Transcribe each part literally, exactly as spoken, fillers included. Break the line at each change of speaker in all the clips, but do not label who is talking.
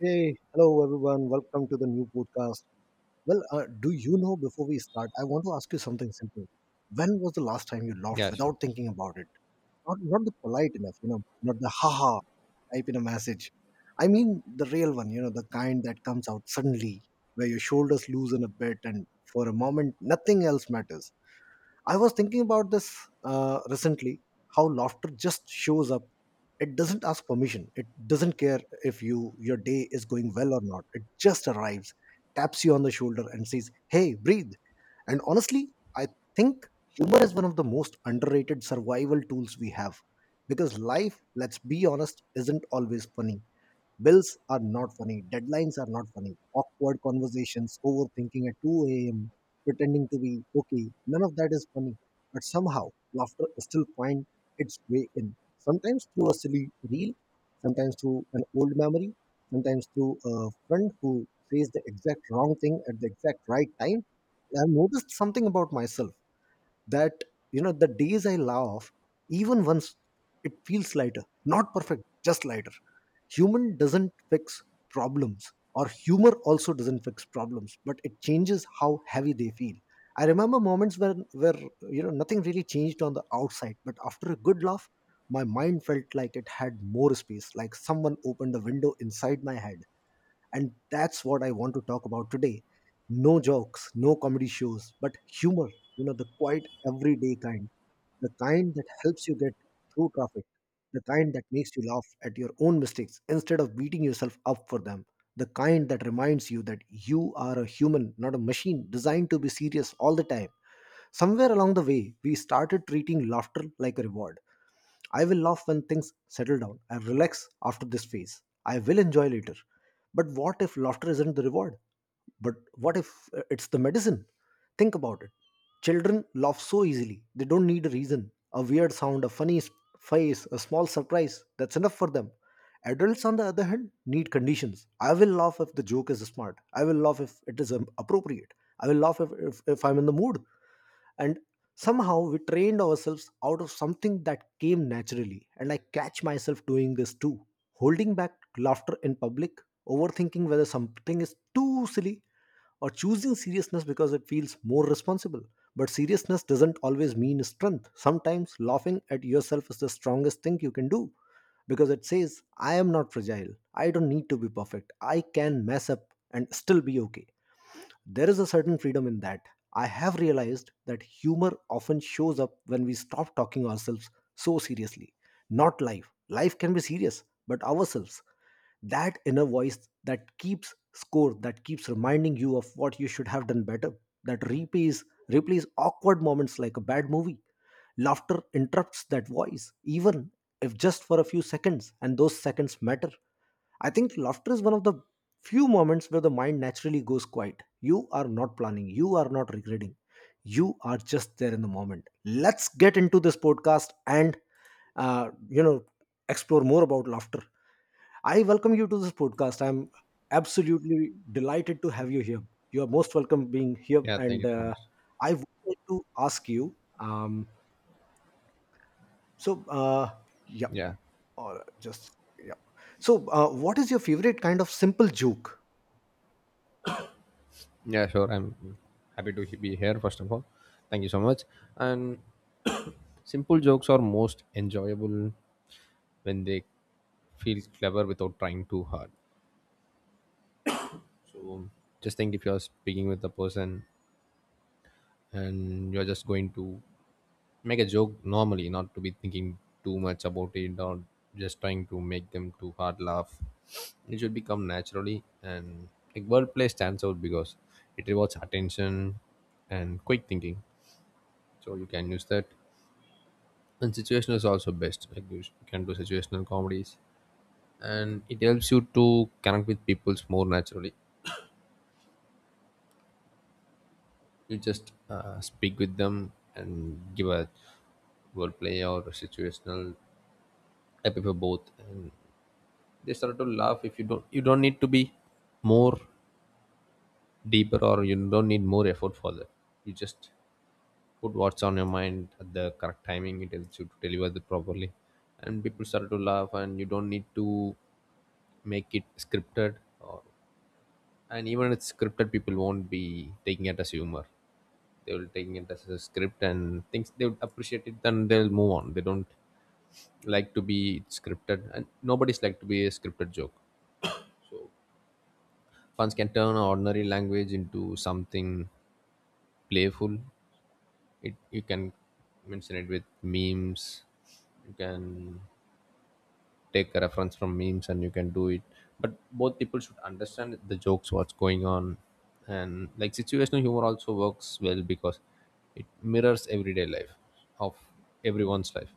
Hey, hello everyone. Welcome to the new podcast. Well, uh, do you know before we start, I want to ask you something simple. When was the last time you laughed
Yeah, sure.
without thinking about it? Not not the polite enough, you know, not the haha type in a message. I mean the real one, you know, the kind that comes out suddenly, where your shoulders loosen a bit and for a moment nothing else matters. I was thinking about this uh, recently how laughter just shows up. It doesn't ask permission. It doesn't care if you your day is going well or not. It just arrives, taps you on the shoulder and says, "Hey, breathe." And honestly, I think humor is one of the most underrated survival tools we have because life, let's be honest, isn't always funny. Bills are not funny. Deadlines are not funny. Awkward conversations, overthinking at two a m, pretending to be okay. None of that is funny. But somehow, laughter still finds its way in. Sometimes through a silly reel, sometimes through an old memory, sometimes through a friend who says the exact wrong thing at the exact right time. I've noticed something about myself that, you know, the days I laugh even once, it feels lighter, not perfect, just lighter. Human doesn't fix problems, or humor also doesn't fix problems, but it changes how heavy they feel. I remember moments where where, you know, nothing really changed on the outside, but after a good laugh my mind felt like it had more space, like someone opened a window inside my head. And that's what I want to talk about today. No jokes, no comedy shows, but humor, you know, the quiet everyday kind, the kind that helps you get through traffic, the kind that makes you laugh at your own mistakes instead of beating yourself up for them, the kind that reminds you that you are a human, not a machine designed to be serious all the time. Somewhere along the way, we started treating laughter like a reward. I will laugh when things settle down and relax after this phase. I will enjoy later. But what if laughter isn't the reward? But what if uh, it's the medicine? Think about it. Children laugh so easily. They don't need a reason. A weird sound, a funny s- face, a small surprise. That's enough for them. Adults, on the other hand, need conditions. I will laugh if the joke is smart. I will laugh if it is um, appropriate. I will laugh if, if, if I'm in the mood, and somehow we trained ourselves out of something that came naturally. And I catch myself doing this too, holding back laughter in public, overthinking whether something is too silly, or choosing seriousness because it feels more responsible. But seriousness doesn't always mean strength. Sometimes laughing at yourself is the strongest thing you can do, because it says I am not fragile, I don't need to be perfect, I can mess up and still be okay. There is a certain freedom in that. I have realized that humor often shows up when we stop talking ourselves so seriously. Not life. Life can be serious, but ourselves. That inner voice that keeps score, that keeps reminding you of what you should have done better, that replays, replays awkward moments like a bad movie. Laughter interrupts that voice, even if just for a few seconds, and those seconds matter. I think laughter is one of the few moments where the mind naturally goes quiet. You are not planning, you are not regretting, you are just there in the moment. Let's get into this podcast and uh, you know explore more about laughter. I welcome you to this podcast. I'm absolutely delighted to have you here. You are most welcome being here,
Yeah, thank you
and
so
uh,
much.
I would like to ask you. Um, so, uh, yeah,
Yeah,
or just yeah. So, uh, what is your favorite kind of simple joke?
yeah, sure. I'm happy to he- be here, first of all. Thank you so much. And simple jokes are most enjoyable when they feel clever without trying too hard. So just think if you're speaking with a person and you're just going to make a joke normally, not to be thinking too much about it or just trying to make them too hard laugh. It should become naturally, and like wordplay stands out because it rewards attention and quick thinking. So you can use that. And situational is also best. Like you sh- you can do situational comedies, and it helps you to connect with people more naturally. You just uh, speak with them and give a wordplay or a situational type of both, and they start to laugh. If you don't you don't need to be more deeper, or you don't need more effort for that, you just put what's on your mind at the correct timing. It helps you to deliver it properly, and people start to laugh, and you don't need to make it scripted. Or and even if it's scripted, people won't be taking it as humor, they will taking it as a script, and things they would appreciate it, then they'll move on. They don't like to be scripted, and nobody's like to be a scripted joke. Fans can turn ordinary language into something playful. It, you can mention it with memes. You can take a reference from memes and you can do it. But both people should understand the jokes, what's going on, and like situational humor also works well because it mirrors everyday life of everyone's life.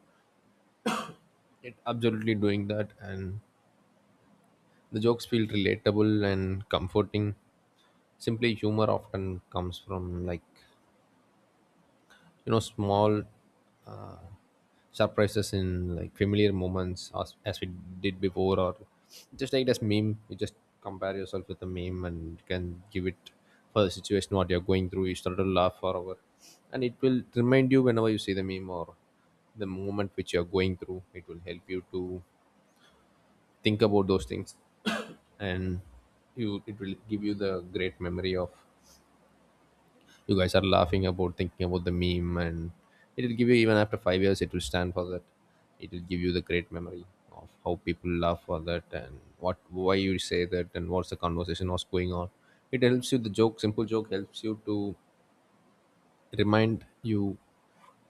It absolutely doing that, and the jokes feel relatable and comforting. Simply humor often comes from like, you know, small uh, surprises in like familiar moments, as, as we did before. Or just like this meme, you just compare yourself with the meme and you can give it for the situation what you're going through. You start to laugh for hour, and it will remind you whenever you see the meme or the moment which you're going through. It will help you to think about those things and you, it will give you the great memory of you guys are laughing about thinking about the meme, and it'll give you even after five years, it will stand for that. It will give you the great memory of how people laugh for that and what, why you say that, and what's the conversation, what's going on. It helps you the joke, simple joke helps you to remind you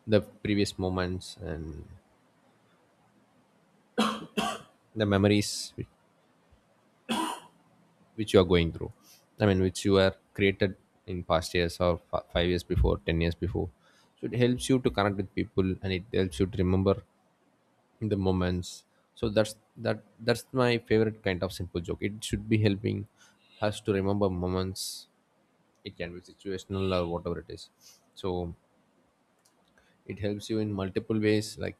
the previous moments and the memories whi- which you are going through. I mean, which you are created in past years, or f- five years before, ten years before. So it helps you to connect with people, and it helps you to remember in the moments. So that's that that's my favorite kind of simple joke. It should be helping us to remember moments. It can be situational or whatever it is. So it helps you in multiple ways, like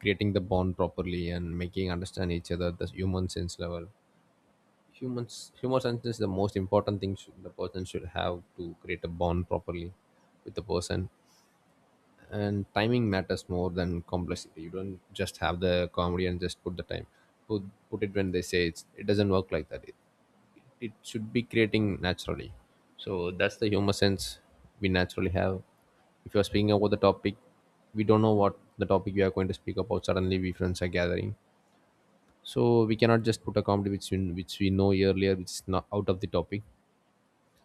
creating the bond properly and making understand each other at the human sense level. Humans humor sense is the most important thing, should, the person should have to create a bond properly with the person. And timing matters more than complexity. You don't just have the comedy and just put the time, put, put it when they say it's, it doesn't work like that. it, it should be creating naturally. So that's the humor sense we naturally have. If you're speaking about the topic, we don't know what the topic we are going to speak about, suddenly we friends are gathering, so we cannot just put a comedy which we, which we know earlier, which is not out of the topic.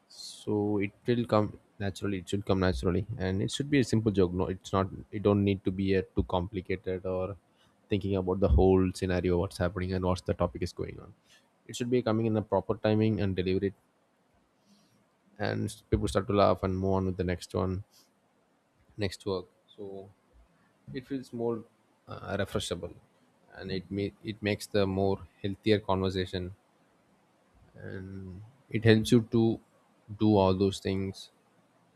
So it will come naturally, it should come naturally, and it should be a simple joke. No, it's not, it don't need to be a too complicated, or thinking about the whole scenario what's happening and what's the topic is going on. It should be coming in a proper timing and deliver it, and s- people start to laugh and move on with the next one, next work. So it feels more uh, refreshable, and it may, it makes the more healthier conversation. It helps you to do all those things,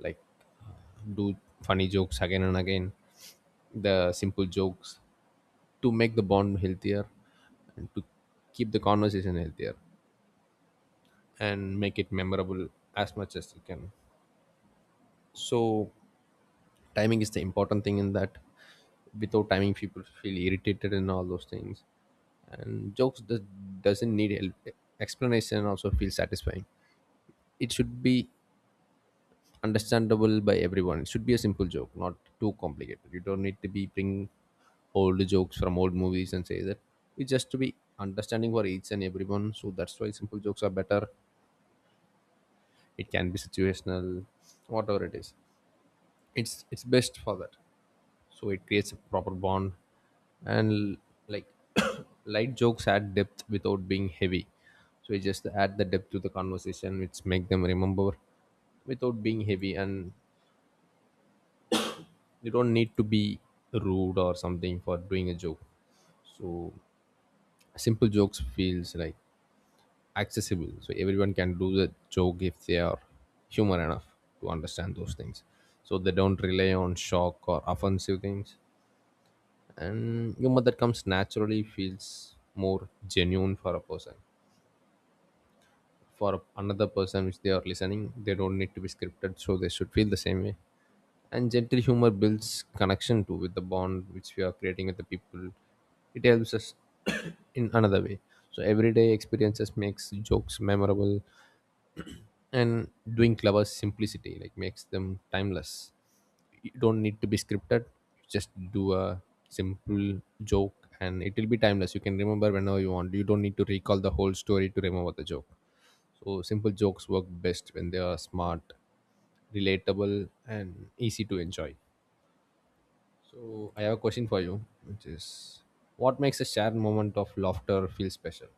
like do funny jokes again and again, the simple jokes, to make the bond healthier and to keep the conversation healthier and make it memorable as much as you can. So, timing is the important thing in that. Without timing, people feel irritated and all those things. And jokes does, doesn't need help. Explanation, also feel satisfying. It should be understandable by everyone. It should be a simple joke, not too complicated. You don't need to be bring old jokes from old movies and say that. It's just to be understanding for each and everyone. So that's why simple jokes are better. It can be situational, whatever it is. It's it's best for that. So it creates a proper bond, and like light jokes add depth without being heavy. So it just add the depth to the conversation, which make them remember without being heavy. And you don't need to be rude or something for doing a joke. So simple jokes feels like accessible, so everyone can do the joke if they are human enough to understand those things. So they don't rely on shock or offensive things, and humor that comes naturally feels more genuine for a person, for another person which they are listening. They don't need to be scripted, so they should feel the same way. And gentle humor builds connection too, with the bond which we are creating with the people. It helps us in another way. So everyday experiences makes jokes memorable, and doing clever simplicity like makes them timeless. You don't need to be scripted, you just do a simple joke and it will be timeless. You can remember whenever you want, you don't need to recall the whole story to remember the joke. So simple jokes work best when they are smart, relatable, and easy to enjoy. So I have a question for you, which is, what makes a shared moment of laughter feel special?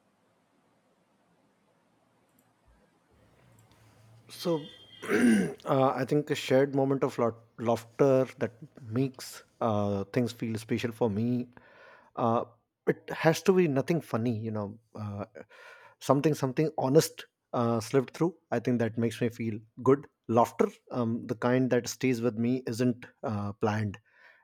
So, uh, I think a shared moment of laugh- laughter that makes uh, things feel special for me. Uh, it has to be nothing funny, you know, uh, something something honest uh, slipped through. I think that makes me feel good. Laughter, um, the kind that stays with me, isn't uh, planned.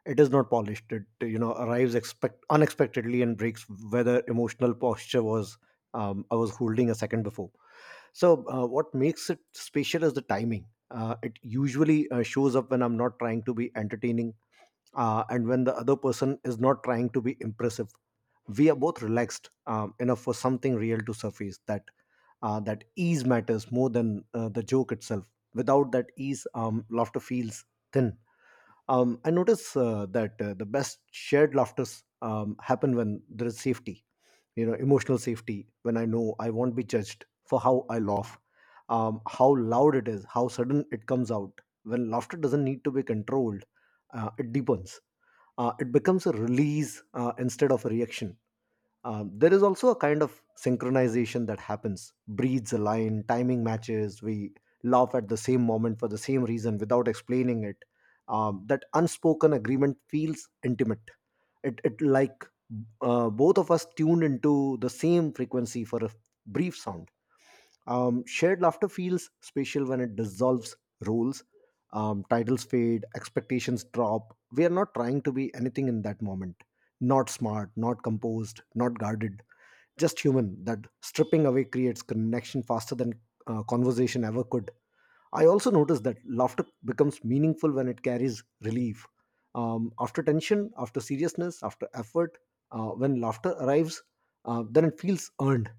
It is not polished. It, you know, arrives expect unexpectedly and breaks whether emotional posture was, um, I was holding a second before. So, uh, what makes it special is the timing. Uh, it usually uh, shows up when I'm not trying to be entertaining, uh, and when the other person is not trying to be impressive. We are both relaxed, um, enough for something real to surface. That uh, that ease matters more than uh, the joke itself. Without that ease, um, laughter feels thin. Um, I notice uh, that uh, the best shared laughters um, happen when there is safety, you know, emotional safety, when I know I won't be judged for how I laugh, um, how loud it is, how sudden it comes out. When laughter doesn't need to be controlled, uh, it deepens. Uh, it becomes a release uh, instead of a reaction. Um, there is also a kind of synchronization that happens. Breeds align, timing matches. We laugh at the same moment for the same reason without explaining it. Um, that unspoken agreement feels intimate. It it like, uh, both of us tuned into the same frequency for a brief sound. Um, shared laughter feels special when it dissolves roles. Um, titles fade, expectations drop. We are not trying to be anything in that moment. Not smart, not composed, not guarded, just human. That stripping away creates connection faster than uh, conversation ever could. I also noticed that laughter becomes meaningful when it carries relief, um, after tension, after seriousness, after effort. Uh, when laughter arrives, uh, then it feels earned.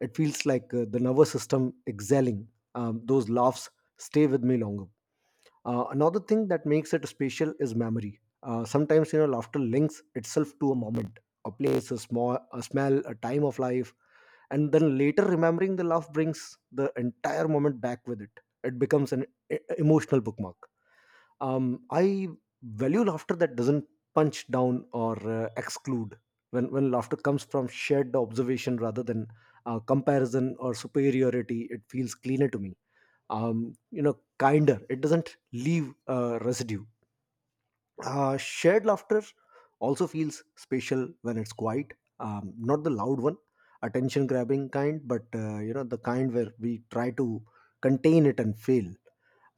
It feels like, uh, the nervous system exhaling. Um, those laughs stay with me longer. Uh, another thing that makes it special is memory. Uh, sometimes, you know, laughter links itself to a moment, a place, a small, a smell, a time of life, and then later remembering the laugh brings the entire moment back with it. It becomes an e- emotional bookmark. Um, I value laughter that doesn't punch down or uh, exclude. When when laughter comes from shared observation rather than uh, comparison or superiority, it feels cleaner to me, um, you know, kinder. It doesn't leave uh, residue. Uh, shared laughter also feels special when it's quiet, um, not the loud one, attention grabbing kind, but uh, you know, the kind where we try to contain it and fail.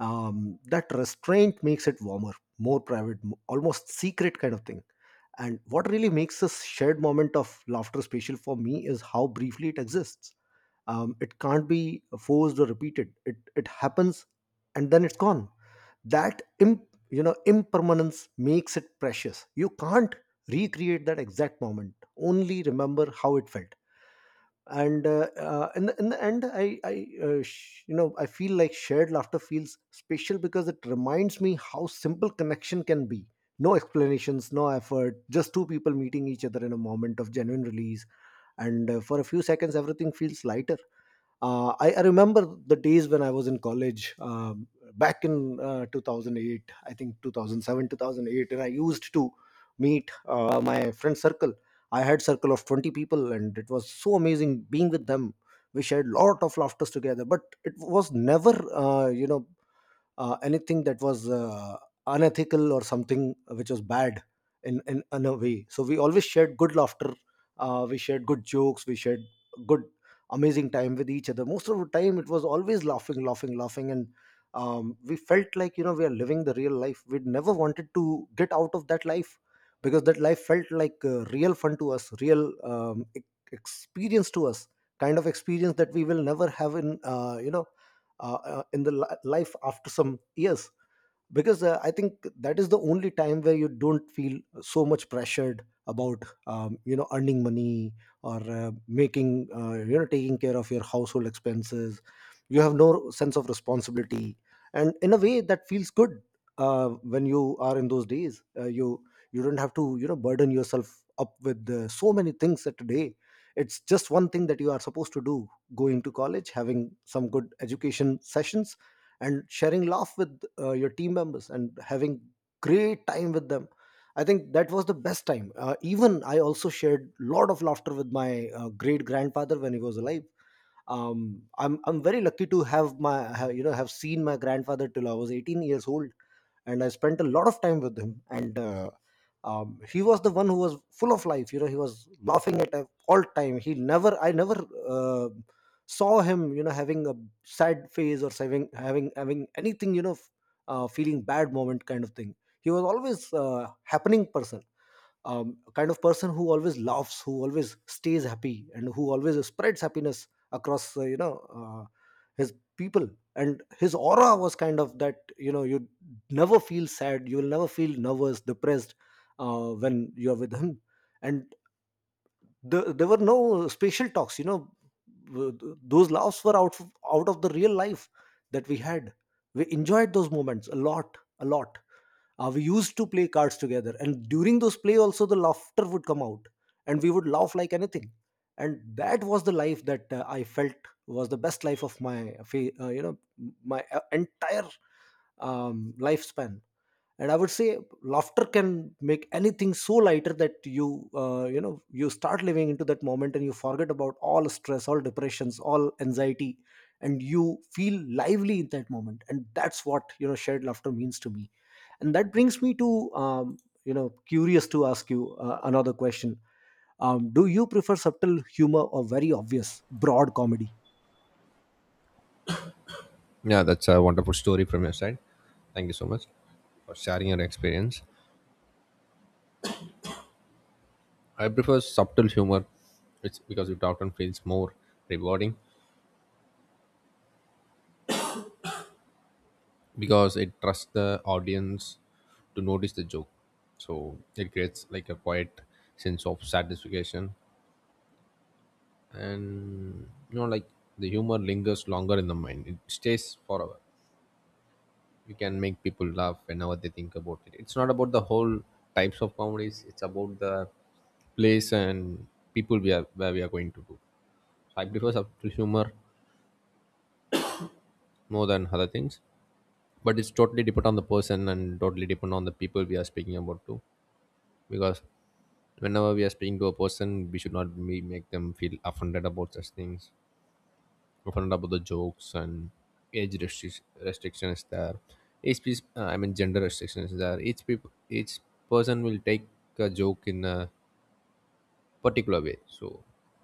um, That restraint makes it warmer, more private, m- almost secret kind of thing. And what really makes this shared moment of laughter special for me is how briefly it exists. Um, it can't be forced or repeated. It it happens, and then it's gone. That imp, you know impermanence makes it precious. You can't recreate that exact moment. Only remember how it felt. And uh, uh, in, the, in the end, i, I, uh, sh- you know i feel like shared laughter feels special because it reminds me how simple connection can be. No explanations, no effort, just two people meeting each other in a moment of genuine release. And uh, for a few seconds everything feels lighter. Uh, I, I remember the days when I was in college, um, back in uh, two thousand eight, I think two thousand seven, two thousand eight, and I used to meet uh, my friend circle. I had circle of twenty people, and it was so amazing being with them. We shared lot of laughters together, but it was never, uh, you know, uh, anything that was uh, unethical or something which was bad in, in in a way. So we always shared good laughter. Uh, we shared good jokes. We shared good amazing time with each other. Most of the time it was always laughing, laughing, laughing, and, um, we felt like, you know, we are living the real life. We never wanted to get out of that life because that life felt like, uh, real fun to us, real um, e- experience to us, kind of experience that we will never have in uh, you know uh, uh, in the li- life after some years. Because, uh, i think that is the only time where you don't feel so much pressured about, um, you know, earning money or, uh, making uh, you know, taking care of your household expenses. You have no sense of responsibility, and in a way that feels good. Uh, when you are in those days, uh, you you don't have to, you know, burden yourself up with uh, so many things that today. It's just one thing that you are supposed to do, going to college, having some good education sessions, and sharing laugh with uh, your team members and having great time with them. I think that was the best time. Uh, even I also shared lot of laughter with my uh, great grandfather when he was alive. Um, I'm, I'm very lucky to have my have, you know have seen my grandfather till I was eighteen years old, and I spent a lot of time with him and uh, um, he was the one who was full of life. You know, he was laughing at all time. He never, I never uh, saw him you know having a sad face or having having having anything, you know, f- uh, feeling bad moment kind of thing. He was always a happening person, um, kind of person who always laughs, who always stays happy, and who always spreads happiness across uh, you know uh, his people. And his aura was kind of that, you know, you never feel sad, you will never feel nervous, depressed, uh, when you are with him. And the, there were no spatial talks, you know. W- th- those laughs were out of, out of the real life that we had. We enjoyed those moments a lot a lot. Uh, we used to play cards together, and during those play also the laughter would come out, and we would laugh like anything. And that was the life that uh, I felt was the best life of my fa- uh, you know my uh, entire um, lifespan. And I would say laughter can make anything so lighter that you uh, you know you start living into that moment, and you forget about all stress, all depressions, all anxiety, and you feel lively in that moment. And that's what, you know, shared laughter means to me. And that brings me to um, you know curious to ask you uh, another question. Um, do you prefer subtle humor or very obvious broad comedy?
Yeah, that's a wonderful story from your side. Thank you so much for sharing your experience. I prefer subtle humor. It's because it often feels more rewarding, because it trusts the audience to notice the joke. So it creates like a quiet sense of satisfaction, and you know, like the humor lingers longer in the mind, it stays forever. You can make people laugh whenever they think about it. It's not about the whole types of comedies, it's about the place and people we are, where we are going to do. So I prefer subtle humor more than other things, but it's totally depend on the person and totally depend on the people we are speaking about too. Because whenever we are speaking to a person, we should not be, make them feel offended about such things, offended about the jokes. And age restric- restriction is there, each piece, uh, I mean gender restriction is there, each people, each person will take a joke in a particular way. So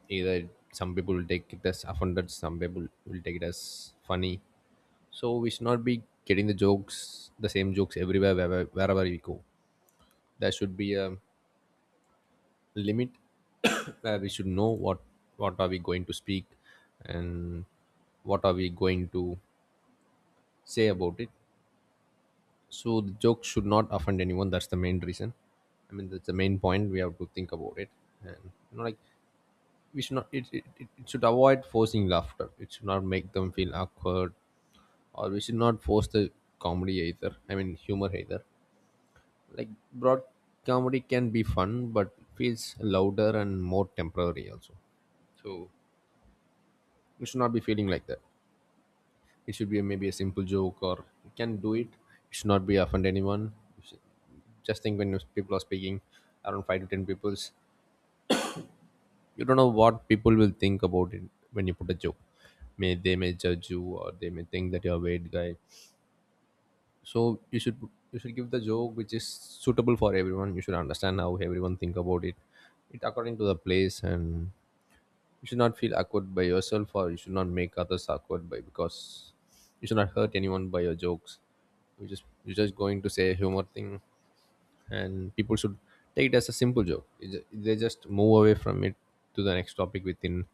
either some people will take it as offended, some people will take it as funny. So we should not be getting the jokes, the same jokes everywhere, wherever, wherever we go. There should be a limit where we should know what what are we going to speak and what are we going to say about it. So the joke should not offend anyone. That's the main reason. I mean, that's the main point. We have to think about it, and you know, like we should not. It it, it it should avoid forcing laughter. It should not make them feel awkward, or we should not force the comedy either. I mean, humor either. Like broad comedy can be fun, but feels louder and more temporary also. So you should not be feeling like that. It should be a, maybe a simple joke, or you can do it. You should not be offend anyone. You should- just think when you- people are speaking around five to ten peoples. You don't know what people will think about it when you put a joke. May they may judge you, or they may think that you're a weird guy. So you should you should give the joke which is suitable for everyone. You should understand how everyone think about it, it according to the place. And you should not feel awkward by yourself, or you should not make others awkward by, because you should not hurt anyone by your jokes. you just you're just going to say a humor thing, and people should take it as a simple joke. It ju- they just move away from it to the next topic within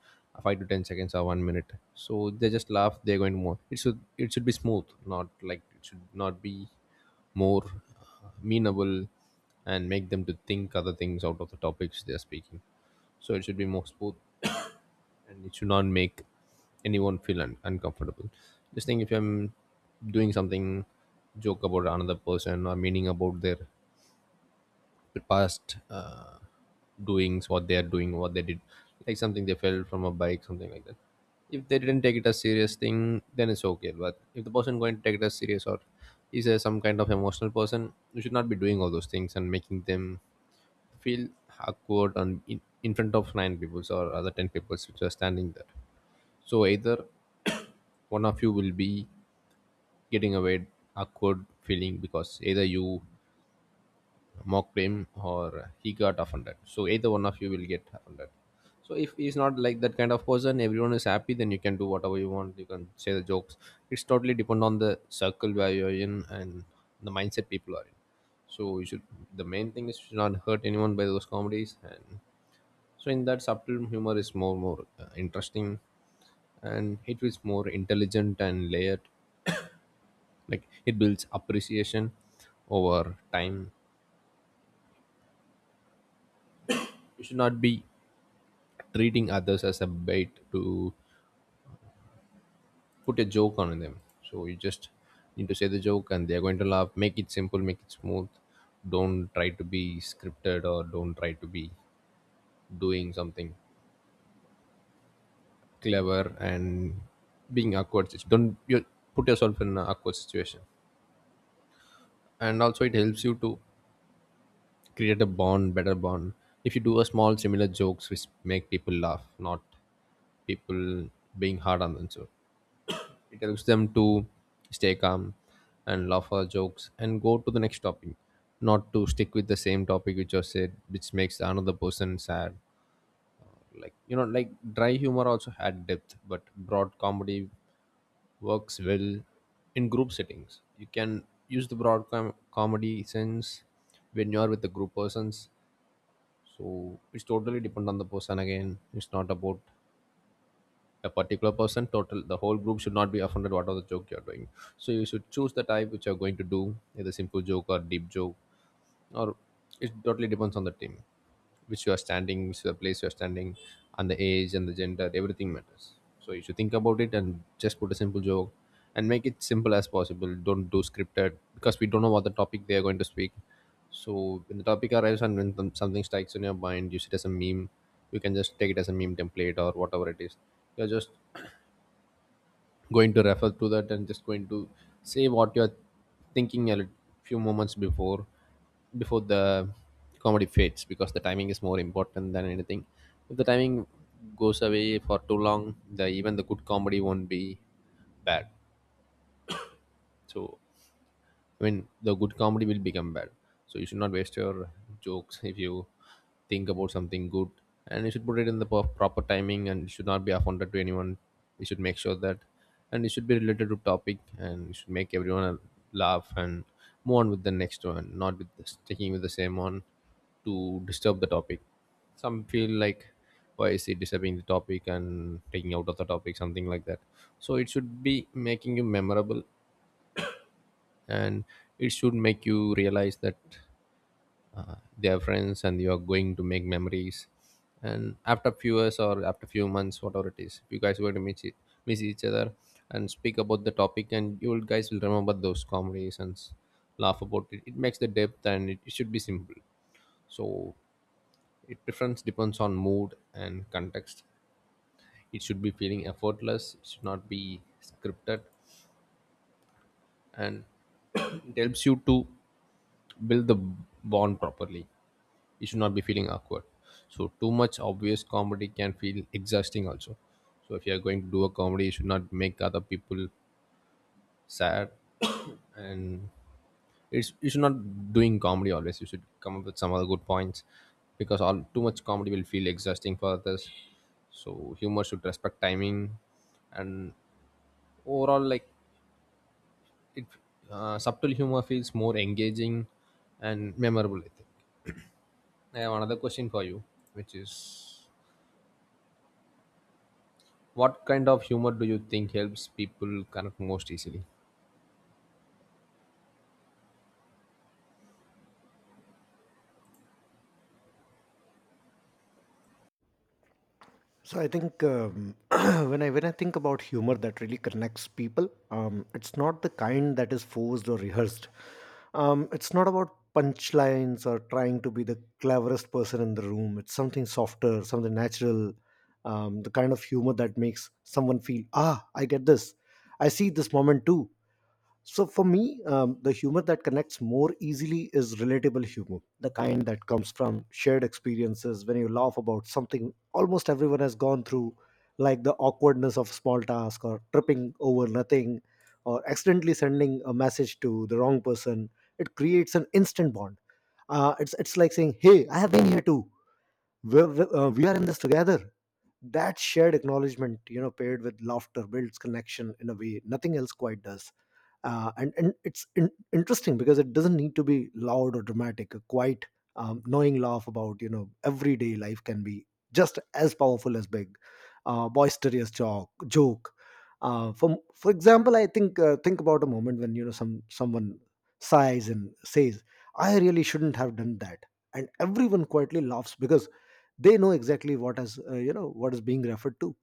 five to ten seconds or one minute. So they just laugh, they're going to move, it should, it should be smooth. Not like, it should not be more uh, meanable and make them to think other things out of the topics they are speaking. So it should be more smooth, and it should not make anyone feel un- uncomfortable. Just think, if I'm doing something, joke about another person, or meaning about their past uh, doings, what they are doing, what they did, like something they fell from a bike, something like that. If they didn't take it as serious thing, then it's okay. But if the person going to take it as serious, or is a, some kind of emotional person, you should not be doing all those things and making them feel awkward on in, in front of nine people or other ten people which are standing there. So either one of you will be getting a weird awkward feeling, because either you mocked him or he got offended. So either one of you will get offended. So if he's not like that kind of person, everyone is happy, then you can do whatever you want. You can say the jokes. It's totally depend on the circle where you're in and the mindset people are in. So you should, the main thing is you should not hurt anyone by those comedies. And so in that, subtle humor is more more uh, interesting, and it is more intelligent and layered, like it builds appreciation over time. You should not be treating others as a bait to put a joke on them. So you just need to say the joke and they're going to laugh. Make it simple, make it smooth. Don't try to be scripted, or don't try to be doing something clever and being awkward. Don't you put yourself in an awkward situation. And also, it helps you to create a bond, better bond. If you do a small similar jokes which make people laugh, not people being hard on themselves, it helps them to stay calm and laugh our jokes and go to the next topic, not to stick with the same topic which was said, which makes another person sad. Like, you know, like dry humor also had depth, but broad comedy works well in group settings. You can use the broad com- comedy sense when you are with the group persons. So it's totally depend on the person. Again, it's not about a particular person, total the whole group should not be offended what are the joke you're doing. So you should choose the type which you're going to do, either simple joke or deep joke. Or it totally depends on the team which you are standing, which is the place you are standing, and the age and the gender, everything matters. So you should think about it and just put a simple joke and make it simple as possible. Don't do scripted, because we don't know what the topic they are going to speak. So when the topic arrives and when some- something strikes in your mind, use it as a meme. You can just take it as a meme template or whatever it is. You're just going to refer to that and just going to say what you're thinking a lit- few moments before before the comedy fades, because the timing is more important than anything. If the timing goes away for too long, the even the good comedy won't be bad. So, I mean, the good comedy will become bad. So you should not waste your jokes. If you think about something good, and you should put it in the pro- proper timing, and it should not be offended to anyone. You should make sure that, and it should be related to topic, and you should make everyone laugh and move on with the next one, not with the, sticking with the same one, to disturb the topic. Some feel like why is he disturbing the topic and taking out of the topic, something like that. So it should be making you memorable, and it should make you realize that they are friends and you are going to make memories. And after few years, or after few months, whatever it is, you guys were to meet it, miss each other and speak about the topic, and you will guys will remember those comedies and s- laugh about it. It makes the depth, and it, it should be simple. So it difference depends on mood and context. It should be feeling effortless, it should not be scripted. And it helps you to build the bond properly. You should not be feeling awkward. So too much obvious comedy can feel exhausting also. So if you are going to do a comedy, you should not make other people sad, and it's, you should not doing comedy always. You should come up with some other good points, because all too much comedy will feel exhausting for others. So humor should respect timing, and overall, like, it uh, subtle humor feels more engaging and memorable, I think. I have another question for you, which is, what kind of humor do you think helps people connect most easily?
So I think, um, when I when I think about humor that really connects people, um, it's not the kind that is forced or rehearsed. Um, it's not about punchlines or trying to be the cleverest person in the room. It's something softer, something natural, um, the kind of humor that makes someone feel, ah, I get this, I see this moment too. So for me, um, the humor that connects more easily is relatable humor, the kind that comes from shared experiences when you laugh about something almost everyone has gone through, like the awkwardness of small task, or tripping over nothing, or accidentally sending a message to the wrong person. It creates an instant bond. Uh, it's, it's like saying, hey, I have been here too. We're, we're- uh, we are in this together. That shared acknowledgement, you know, paired with laughter builds connection in a way nothing else quite does. Uh, and and it's in- interesting because it doesn't need to be loud or dramatic. A quiet, um, knowing laugh about, you know, everyday life can be just as powerful as big, uh, boisterous joke. Joke. Uh, for for example, I think, uh, think about a moment when, you know, some someone sighs and says, "I really shouldn't have done that," and everyone quietly laughs because they know exactly what is, uh, you know what is being referred to.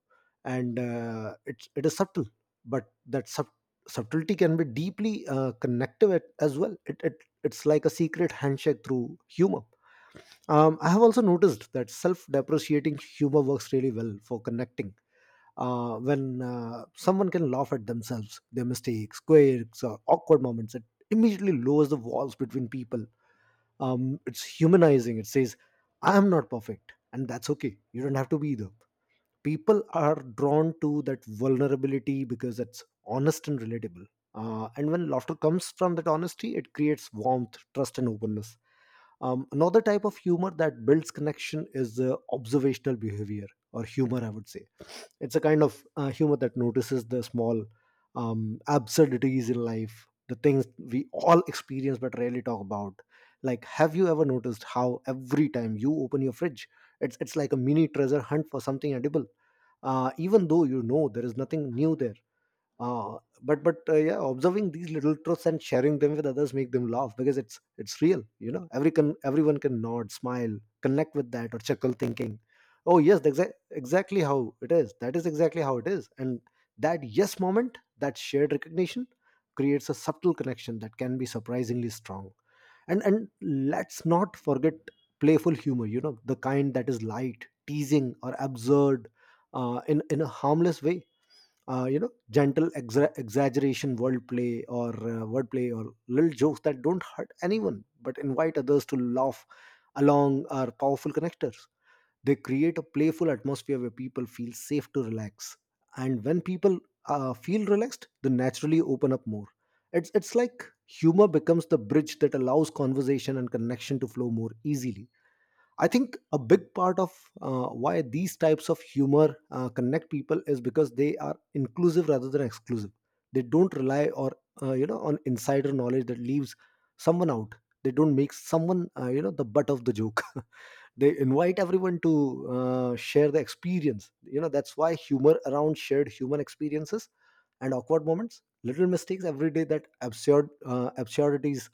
And uh, it's it is subtle, but that sub- subtlety can be deeply uh, connective at, as well. it, it, It's like a secret handshake through humor. um, I have also noticed that self depreciating humor works really well for connecting. Uh, when uh, someone can laugh at themselves, their mistakes, quirks, or awkward moments, it immediately lowers the walls between people. Um, it's humanizing. It says, I am not perfect, and that's okay. You don't have to be either. People are drawn to that vulnerability because it's honest and relatable. Uh, and when laughter comes from that honesty, it creates warmth, trust, and openness. Um, another type of humor that builds connection is uh, observational behavior or humor, I would say. It's a kind of uh, humor that notices the small um, absurdities in life, the things we all experience but rarely talk about. Like, have you ever noticed how every time you open your fridge, it's it's like a mini treasure hunt for something edible, uh, even though you know there is nothing new there. Uh, but but uh, Yeah, observing these little truths and sharing them with others make them laugh because it's it's real, you know. Every can everyone can nod, smile, connect with that, or chuckle thinking, oh yes, that's exa- exactly how it is, that is exactly how it is. And that yes moment, that shared recognition creates a subtle connection that can be surprisingly strong. And and let's not forget playful humor, you know, the kind that is light teasing or absurd uh, in in a harmless way. Uh, you know, gentle exa- exaggeration, wordplay or uh, wordplay, or little jokes that don't hurt anyone but invite others to laugh along are powerful connectors. They create a playful atmosphere where people feel safe to relax, and when people uh, feel relaxed, they naturally open up more. It's it's like humor becomes the bridge that allows conversation and connection to flow more easily. I think a big part of uh, why these types of humor uh, connect people is because they are inclusive rather than exclusive. They don't rely or uh, you know on insider knowledge that leaves someone out. They don't make someone, uh, you know the butt of the joke. They invite everyone to uh, share the experience. You know, that's why humor around shared human experiences and awkward moments, little mistakes every day, that absurd uh, absurdities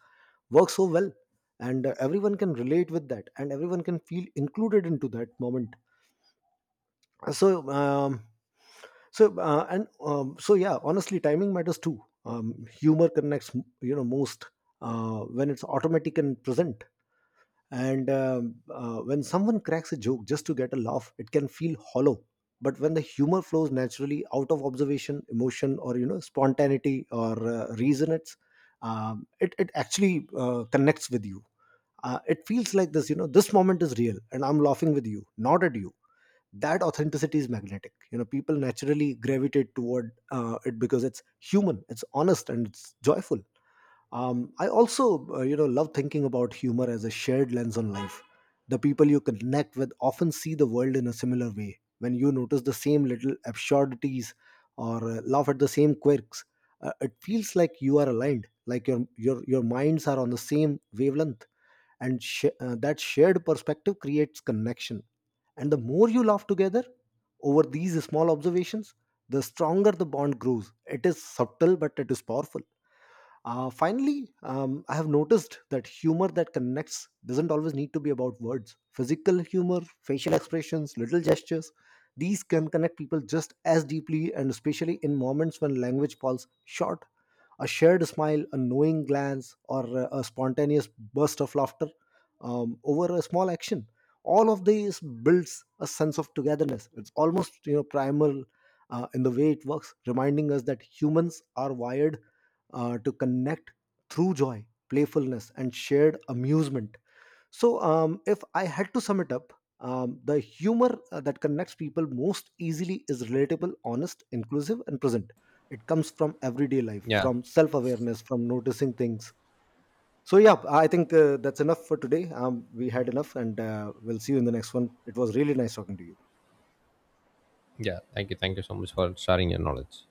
work so well, and uh, everyone can relate with that, and everyone can feel included into that moment. So, um, so uh, and um, so, yeah. Honestly, timing matters too. Um, humor connects, you know, most uh, when it's automatic and present. And um, uh, When someone cracks a joke just to get a laugh, it can feel hollow, but when the humor flows naturally out of observation, emotion, or, you know, spontaneity or uh, reason, it's um, it, it actually uh, connects with you. Uh, it feels like this, you know, this moment is real, and I'm laughing with you, not at you. That authenticity is magnetic. You know, people naturally gravitate toward uh, it because it's human, it's honest, and it's joyful. um, I also, uh, you know, love thinking about humor as a shared lens on life. The people you connect with often see the world in a similar way. When you notice the same little absurdities, or uh, laugh at the same quirks, uh, it feels like you are aligned, like your your your minds are on the same wavelength, and sh- uh, that shared perspective creates connection. And the more you laugh together over these small observations, the stronger the bond grows. It is subtle, but it is powerful. Uh, finally, um, I have noticed that humor that connects doesn't always need to be about words. Physical humor, facial expressions, little gestures, these can connect people just as deeply, and especially in moments when language falls short. A shared smile, a knowing glance, or a a spontaneous burst of laughter um, over a small action. All of these builds a sense of togetherness. It's almost, you know, primal uh, in the way it works, reminding us that humans are wired uh, to connect through joy, playfulness, and shared amusement. So, um, if I had to sum it up, um, the humor uh, that connects people most easily is relatable, honest, inclusive, and present. It comes from everyday life,
Yeah.
from self awareness, from noticing things. So, yeah, I think uh, that's enough for today. Um, we had enough, and uh, we'll see you in the next one. It was really nice talking to you.
Yeah, thank you. Thank you so much for sharing your knowledge.